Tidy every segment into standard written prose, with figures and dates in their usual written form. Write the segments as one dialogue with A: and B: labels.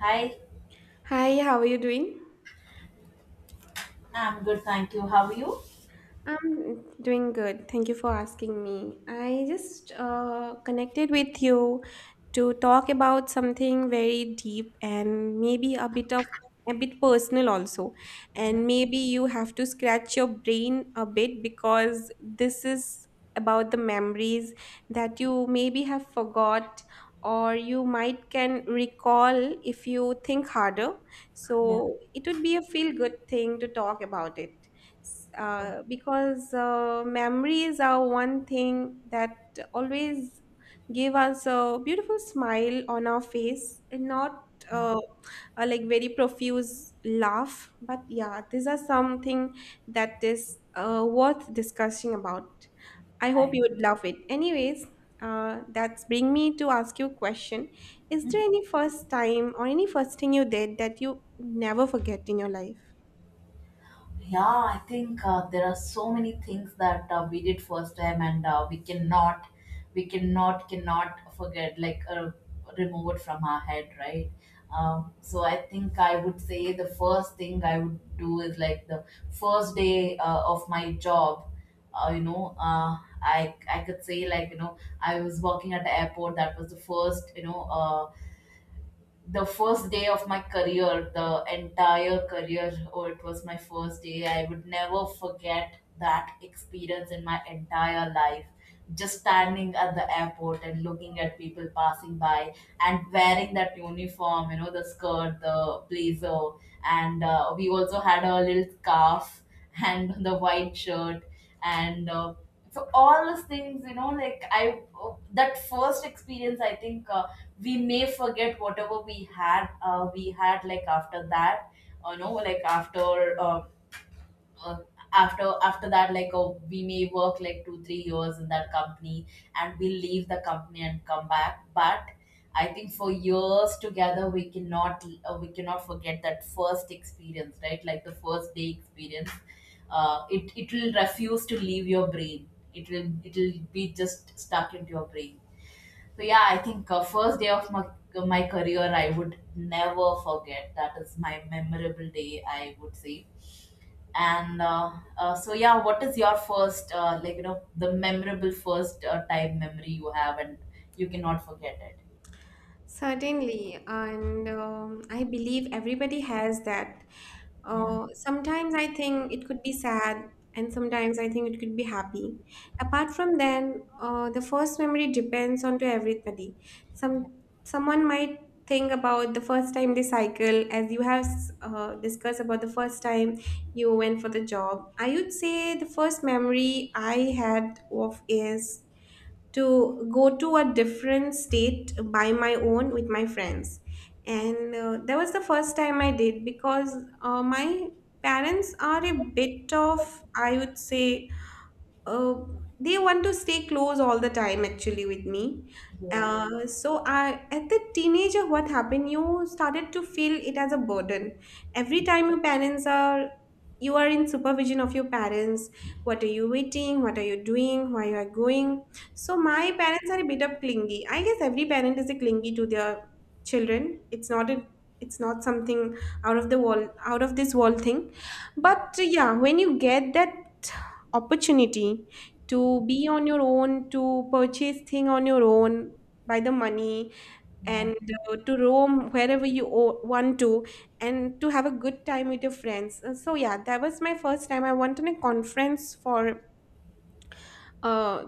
A: Hi,
B: Hi, how are you doing?
A: I'm good, thank you. How are you?
B: I'm doing good. Thank you for asking me. I just connected with you to talk about something very deep and maybe a bit of a bit personal also. And maybe you have to scratch your brain a bit because this is about the memories that you maybe have forgot or you might can recall if you think harder.
A: Yeah,
B: So it would be a feel good thing to talk about it.
A: yeah,
B: Because memories are one thing that always give us a beautiful smile on our face and not
A: yeah.
B: uh, a, like very profuse laugh, but yeah, these are something that is worth discussing about. I
A: I
B: hope you would love it anyways. That's bring me to ask you a question. Is there any first time or any first thing you did that you never forget in your life?
A: yeah, I think there are so many things that we did first time, and we cannot, we cannot forget, like remove it from our head, right? So I think I would say the first thing I would do is like the first day of my job. Uh, you know, uh, I could say like you know I was working at the airport. That was the first. The first day of my career, the entire career, oh, it was my first day. I would never forget that experience in my entire life. Just standing at the airport and looking at people passing by and wearing that uniform, you know, the skirt, the blazer, and we also had a little scarf and the white shirt and so all those things, you know, like I, that first experience, I think. We may forget whatever we had like after that you know like after uh, after after that like we may work like 2 or 3 years in that company, and we leave the company and come back. But I think for years together we cannot forget that first experience, right? Like the first day experience. It will refuse to leave your brain. It will it will be just stuck into your brain. So yeah, I think first day of my, my career, I would never forget. That is my memorable day, I would say. And so yeah, what is your first, like you know, the memorable first time memory you have, and you cannot forget it?
B: Certainly, and I believe everybody has that.
A: Yeah,
B: Sometimes I think it could be sad, and sometimes I think it could be happy. Apart from then, the first memory depends on to everybody.
A: yeah,
B: Someone might think about the first time they cycle, as you have discussed about the first time you went for the job. I would say the first memory I had of is to go to a different state by my own with my friends, and that was the first time I did. Because my parents are a bit of, I would say, uh, they want to stay close all the time actually with me.
A: yeah,
B: Mm. So I, at the teenager, what happened, you started to feel it as a burden every time your parents are, you are in supervision of your parents, what are you eating, what are you doing, where you are going. So my parents are a bit of clingy. I guess every parent is a clingy to their children. It's not a, it's not something out of the world, out of this world thing. But yeah, when you get that opportunity to be on your own, to purchase thing on your own by the money, and to roam wherever you want to, and to have a good time with your friends. So yeah, that was my first time. I went on a conference for uh,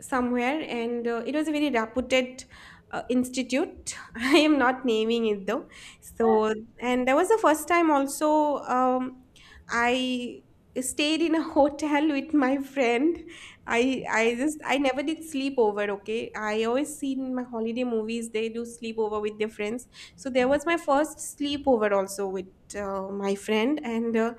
B: somewhere, and it was a very reputed institute. I am not naming it though. So, and that was the first time also, I stayed in a hotel with my friend. I just I never did sleepover. Okay, I always seen in my holiday movies they do sleepover with their friends. So there was my first sleepover also with my friend, and uh,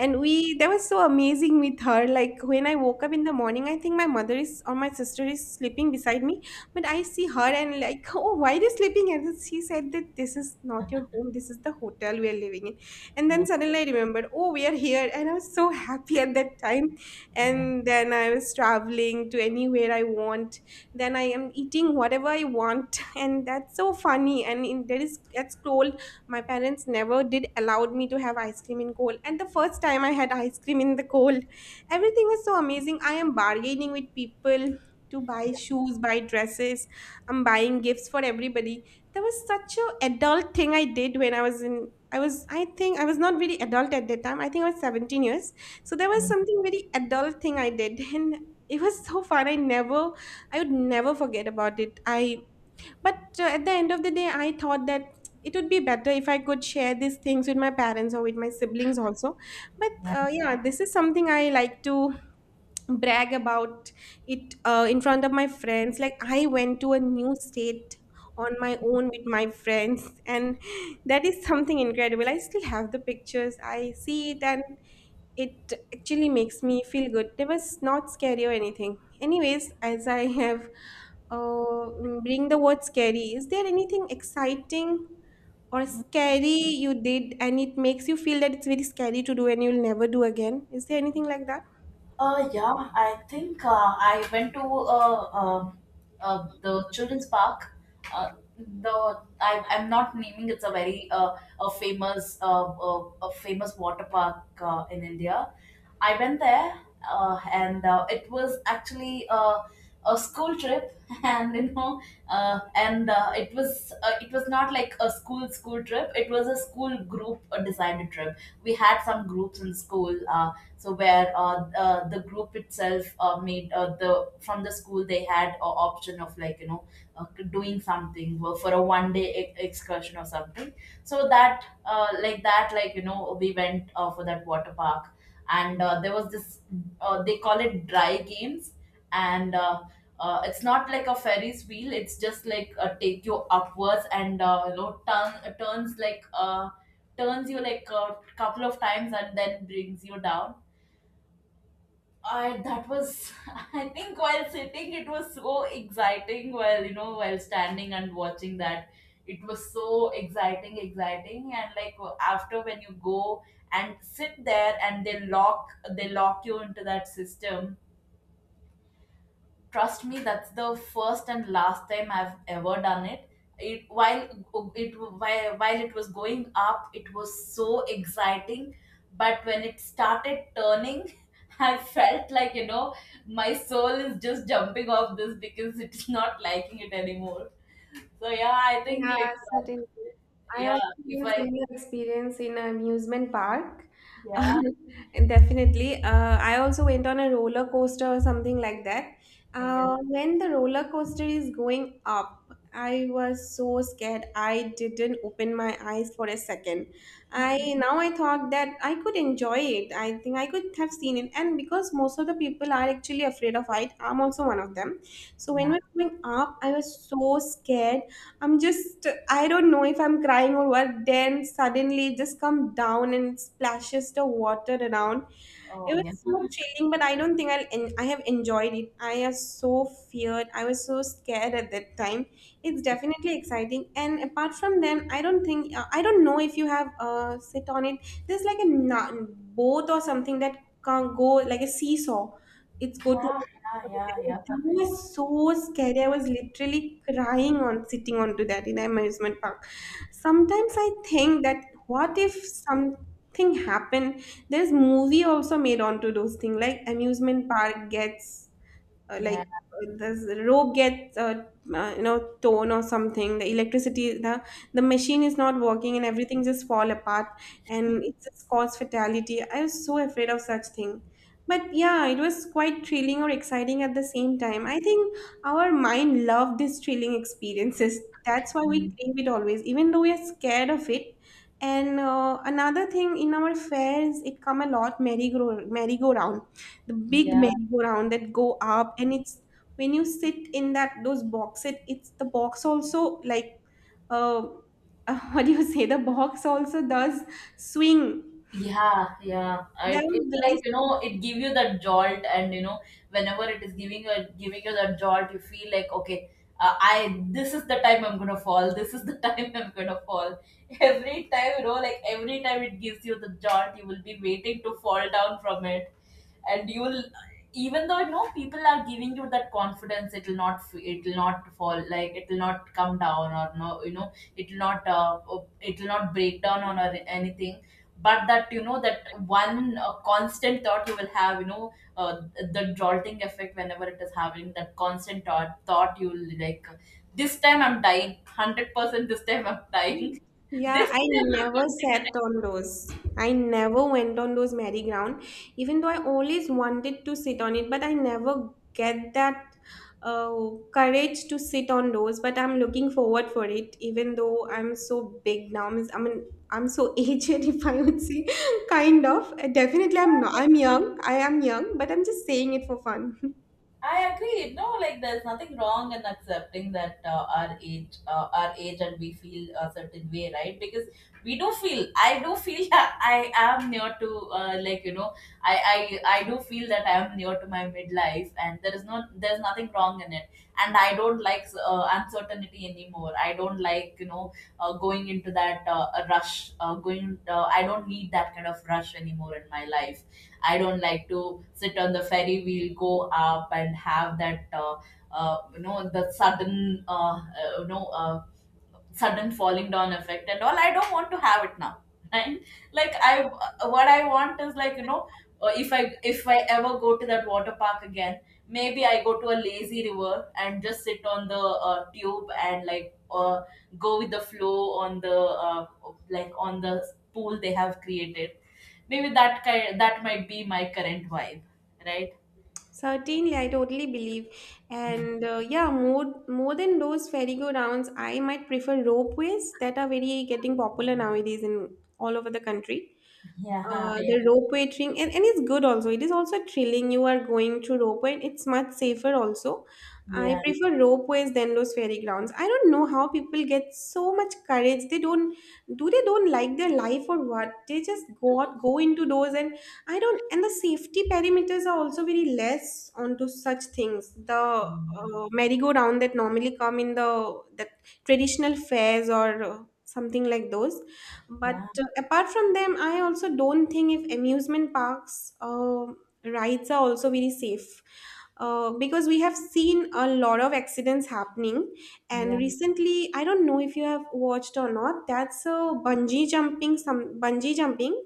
B: and we that was so amazing with her. Like when I woke up in the morning, I think my mother is or my sister is sleeping beside me. But I see her and like, oh, why are you sleeping? And then she said that this is not your home, this is the hotel we are living in. And
A: yeah,
B: then suddenly I remembered, oh, we are here. And I was so happy at that time.
A: yeah.
B: And then I was traveling to anywhere I want. Then I am eating whatever I want. And that's so funny. And in, there is that scroll, my parents never did allowed me to have ice cream in cold, and the first time I had ice cream in the cold, everything was so amazing. I am bargaining with people to buy shoes, buy dresses, I'm buying gifts for everybody. There was such a adult thing I did when I was in, I was, I think I was not really adult at that time, I think I was 17 years. So there was something very adult thing I did, and it was so fun. I never, I would never forget about it. I but uh, at the end of the day, I thought that it would be better if I could share these things with my parents or with my siblings also. But yeah, this is something I like to brag about it in front of my friends. Like I went to a new state on my own with my friends, and that is something incredible. I still have the pictures. I see it and it actually makes me feel good. It was not scary or anything. Anyways, as I have bring the word scary, is there anything exciting or scary you did and it makes you feel that it's very scary to do and you'll never do again? Is there anything like that?
A: Yeah, I think I went to the children's park. Uh, the I I'm not naming It's a very a famous water park in India. I went there and it was actually a school trip and you know and it was not like a school trip. It was a school group decided trip. We had some groups in school. So where the group itself made the from the school, they had a option of like you know uh, doing something for a 1 day excursion or something. So that like that like you know we went for that water park, and there was this they call it dry games. And it's not like a ferris wheel, it's just like take you upwards and you know turn, turns like turns you like a couple of times and then brings you down. I, that was I think while sitting it was so exciting, while you know while standing and watching that, it was so exciting and like after, when you go and sit there and they lock, they lock you into that system, trust me, that's the first and last time I've ever done it. It while it while, while it was going up, it was so exciting, but when it started turning, I felt like you know my soul is just jumping off this, because it's not liking it anymore. So yeah, I think
B: Yeah,
A: like
B: certainly. I
A: yeah
B: also
A: if
B: had a
A: I
B: similar experience in an amusement park.
A: yeah
B: And definitely. I also went on a roller coaster or something like that.
A: yeah,
B: When the roller coaster is going up, I was so scared. I didn't open my eyes for a second. I now I thought that I could enjoy it. I think I could have seen it. And because most of the people are actually afraid of height, I'm also one of them. So when
A: yeah.
B: we're going up, I was so scared, I'm just, I don't know if I'm crying or what. Then suddenly it just come down and splashes the water around. It
A: oh
B: was
A: yeah
B: so chilling, but I don't think I'll, I have enjoyed it. I was so feared. I was so scared at that time. It's definitely exciting. And apart from them, I don't think, I don't know if you have sit on it. There's like a boat or something that can go like a seesaw. It's go to,
A: yeah yeah yeah yeah
B: it was so scary. I was literally crying on sitting onto that in amusement park. Sometimes I think that what if something happened? There's movie also made onto those things, like amusement park gets
A: yeah
B: the rope gets you know torn or something, the electricity, the machine is not working and everything just fall apart, and it just cause fatality. I was so afraid of such thing. But yeah, it was quite thrilling or exciting at the same time. I think our mind loved these thrilling experiences, that's why we
A: Mm,
B: crave it always even though we are scared of it. And another thing, in our fairs it come a lot, merry-go-round, the big
A: yeah.
B: merry-go-round that go up, and it's when you sit in that those box, it's the box also like uh, what do you say, the box also does swing.
A: Yeah, yeah.
B: That
A: It
B: was very.
A: like you know it give you that jolt, and you know whenever it is giving you, giving you that jolt, you feel like okay, I this is the time I'm gonna fall. This is the time I'm gonna fall. Every time you know, like every time it gives you the jolt, you will be waiting to fall down from it. And you will, even though you know people are giving you that confidence, it will not it will not fall. Like, it will not come down or no, you know, it will not break down on or anything. But that, you know, that one constant thought you will have, you know, uh, the jolting effect, whenever it is having that constant thought, you will like, this time I'm dying, 100%. This time I'm dying.
B: Yeah,
A: This
B: I
A: time
B: never
A: I'm going
B: sat
A: to
B: on those. I never went on those merry-ground, even though I always wanted to sit on it, but I never get that uh, courage to sit on those. But I'm looking forward for it, even though I'm so big now. Means- I mean, I'm so aged, if I would say, kind of. Definitely, I'm not.
A: die.
B: I'm young. I am young, but I'm just saying it for fun.
A: I agree. No, like, there's nothing wrong in accepting that our age, and we feel a certain way, right? Because we do feel. I do feel. I am near to, like you know, I do feel that I am near to my midlife, and there is there's nothing wrong in it. And I don't like uncertainty anymore. I don't like you know going into that rush. I don't need that kind of rush anymore in my life. I don't like to sit on the ferry. We'll go up and have that, you know, the sudden, you know, sudden falling down effect and all. I don't want to have it now. Right? Like, I, what I want is like you know, if I, if I ever go to that water park again, maybe I go to a lazy river and just sit on the tube, and like go with the flow on the uh, like on the pool they have created. Maybe that kind, that might be my current vibe, right?
B: Certainly, I totally believe. And yeah, more than those Ferrigo rounds, I might prefer ropeways that are very getting popular nowadays in all over the country.
A: yeah
B: The ropeway thing, and it's good also, it is also thrilling, you are going through ropeway and it's much safer also. I
A: yeah yeah
B: prefer ropeways than those fairy grounds. I don't know how people get so much courage. They don't do, they don't like their life or what, they just go out, go into those. And I don't, and the safety parameters are also very less onto such things, the
A: yeah
B: merry-go-round that normally come in the that traditional fairs or something like those. But
A: yeah
B: apart from them, I also don't think if amusement parks rides are also very safe. Because we have seen a lot of accidents happening, and
A: yeah
B: recently, I don't know if you have watched or not. That's a bungee jumping, some bungee jumping.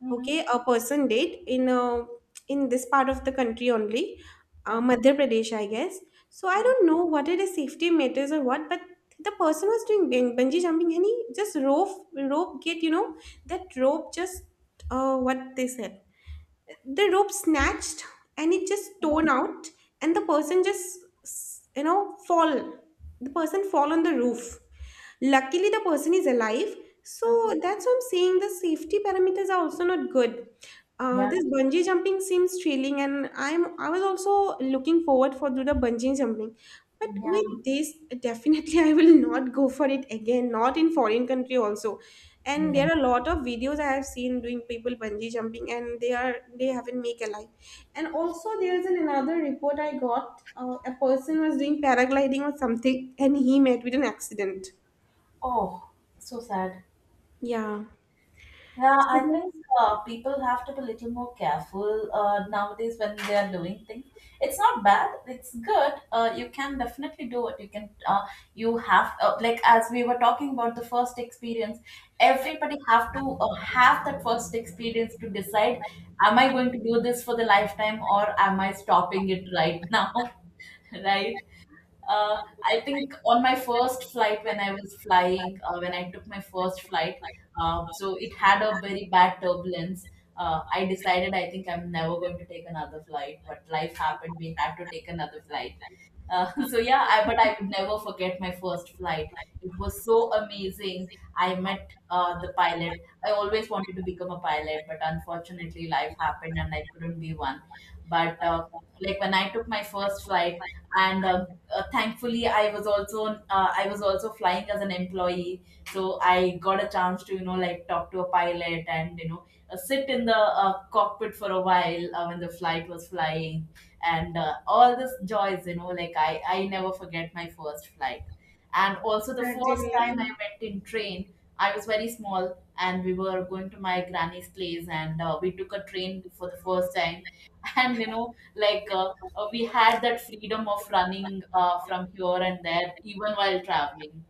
A: Mhm.
B: Okay, a person date in this part of the country only,
A: yeah
B: Madhya Pradesh I guess. So I don't know what are the safety matters or what, but the person was doing bungee jumping, and he just, rope get, you know, that rope just, what they said, the rope snatched and it just torn out, and the person just you know, fall, the person fall on the roof. Luckily, the person is alive. So that's what I'm saying, the safety parameters are also not good. Uh, this bungee jumping seems thrilling, and I was also looking forward for do the bungee jumping. But
A: yeah
B: with this, definitely I will not go for it again. Not in foreign country also, and
A: yeah
B: there are a lot of videos I have seen doing people bungee jumping, and they are, they haven't make a life. And also there's an another report I got. A person was doing paragliding or something, and he met with an accident.
A: Oh, so sad.
B: Yeah.
A: Yeah,
B: So
A: I think
B: this
A: people have to be a little more careful nowadays when they are doing things. It's not bad. It's good. You can definitely do it. You can. You have like as we were talking about the first experience. Everybody have to have that first experience to decide: Am I going to do this for the lifetime, or am I stopping it right now? Right? I think on my first flight when I was flying, when I took my first flight, so it had a very bad turbulence. I decided I think I'm never going to take another flight, but life happened. We had to take another flight. So yeah, I, but I would never forget my first flight. It was so amazing. I met the pilot. I always wanted to become a pilot, but unfortunately, life happened and I couldn't be one. But like when I took my first flight, and thankfully, I was also flying as an employee, so I got a chance to you know like talk to a pilot and you know sit in the cockpit for a while when the flight was flying. And all this joys you know like I never forget my first flight. And also the first time I
B: certainly.
A: went in train, I was very small and we were going to my granny's place, and we took a train for the first time. And you know like we had that freedom of running from here and there even while traveling.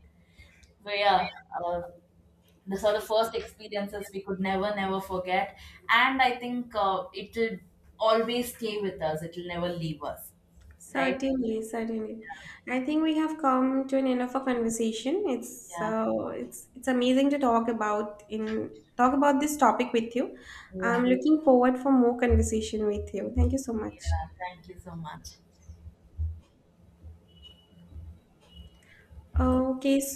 A: So yeah, uh, these are the sort of first experiences we could never, never forget. And I think it'll always stay with us, it'll never leave us, right?
B: Certainly, certainly. I think we have come to an end of our conversation. It's
A: Yeah.
B: so, it's amazing to talk about in talk about this topic with you.
A: Yeah.
B: I'm looking forward for more conversation with you. Thank you so
A: Yeah.
B: much.
A: Thank you so much.
B: Okay, so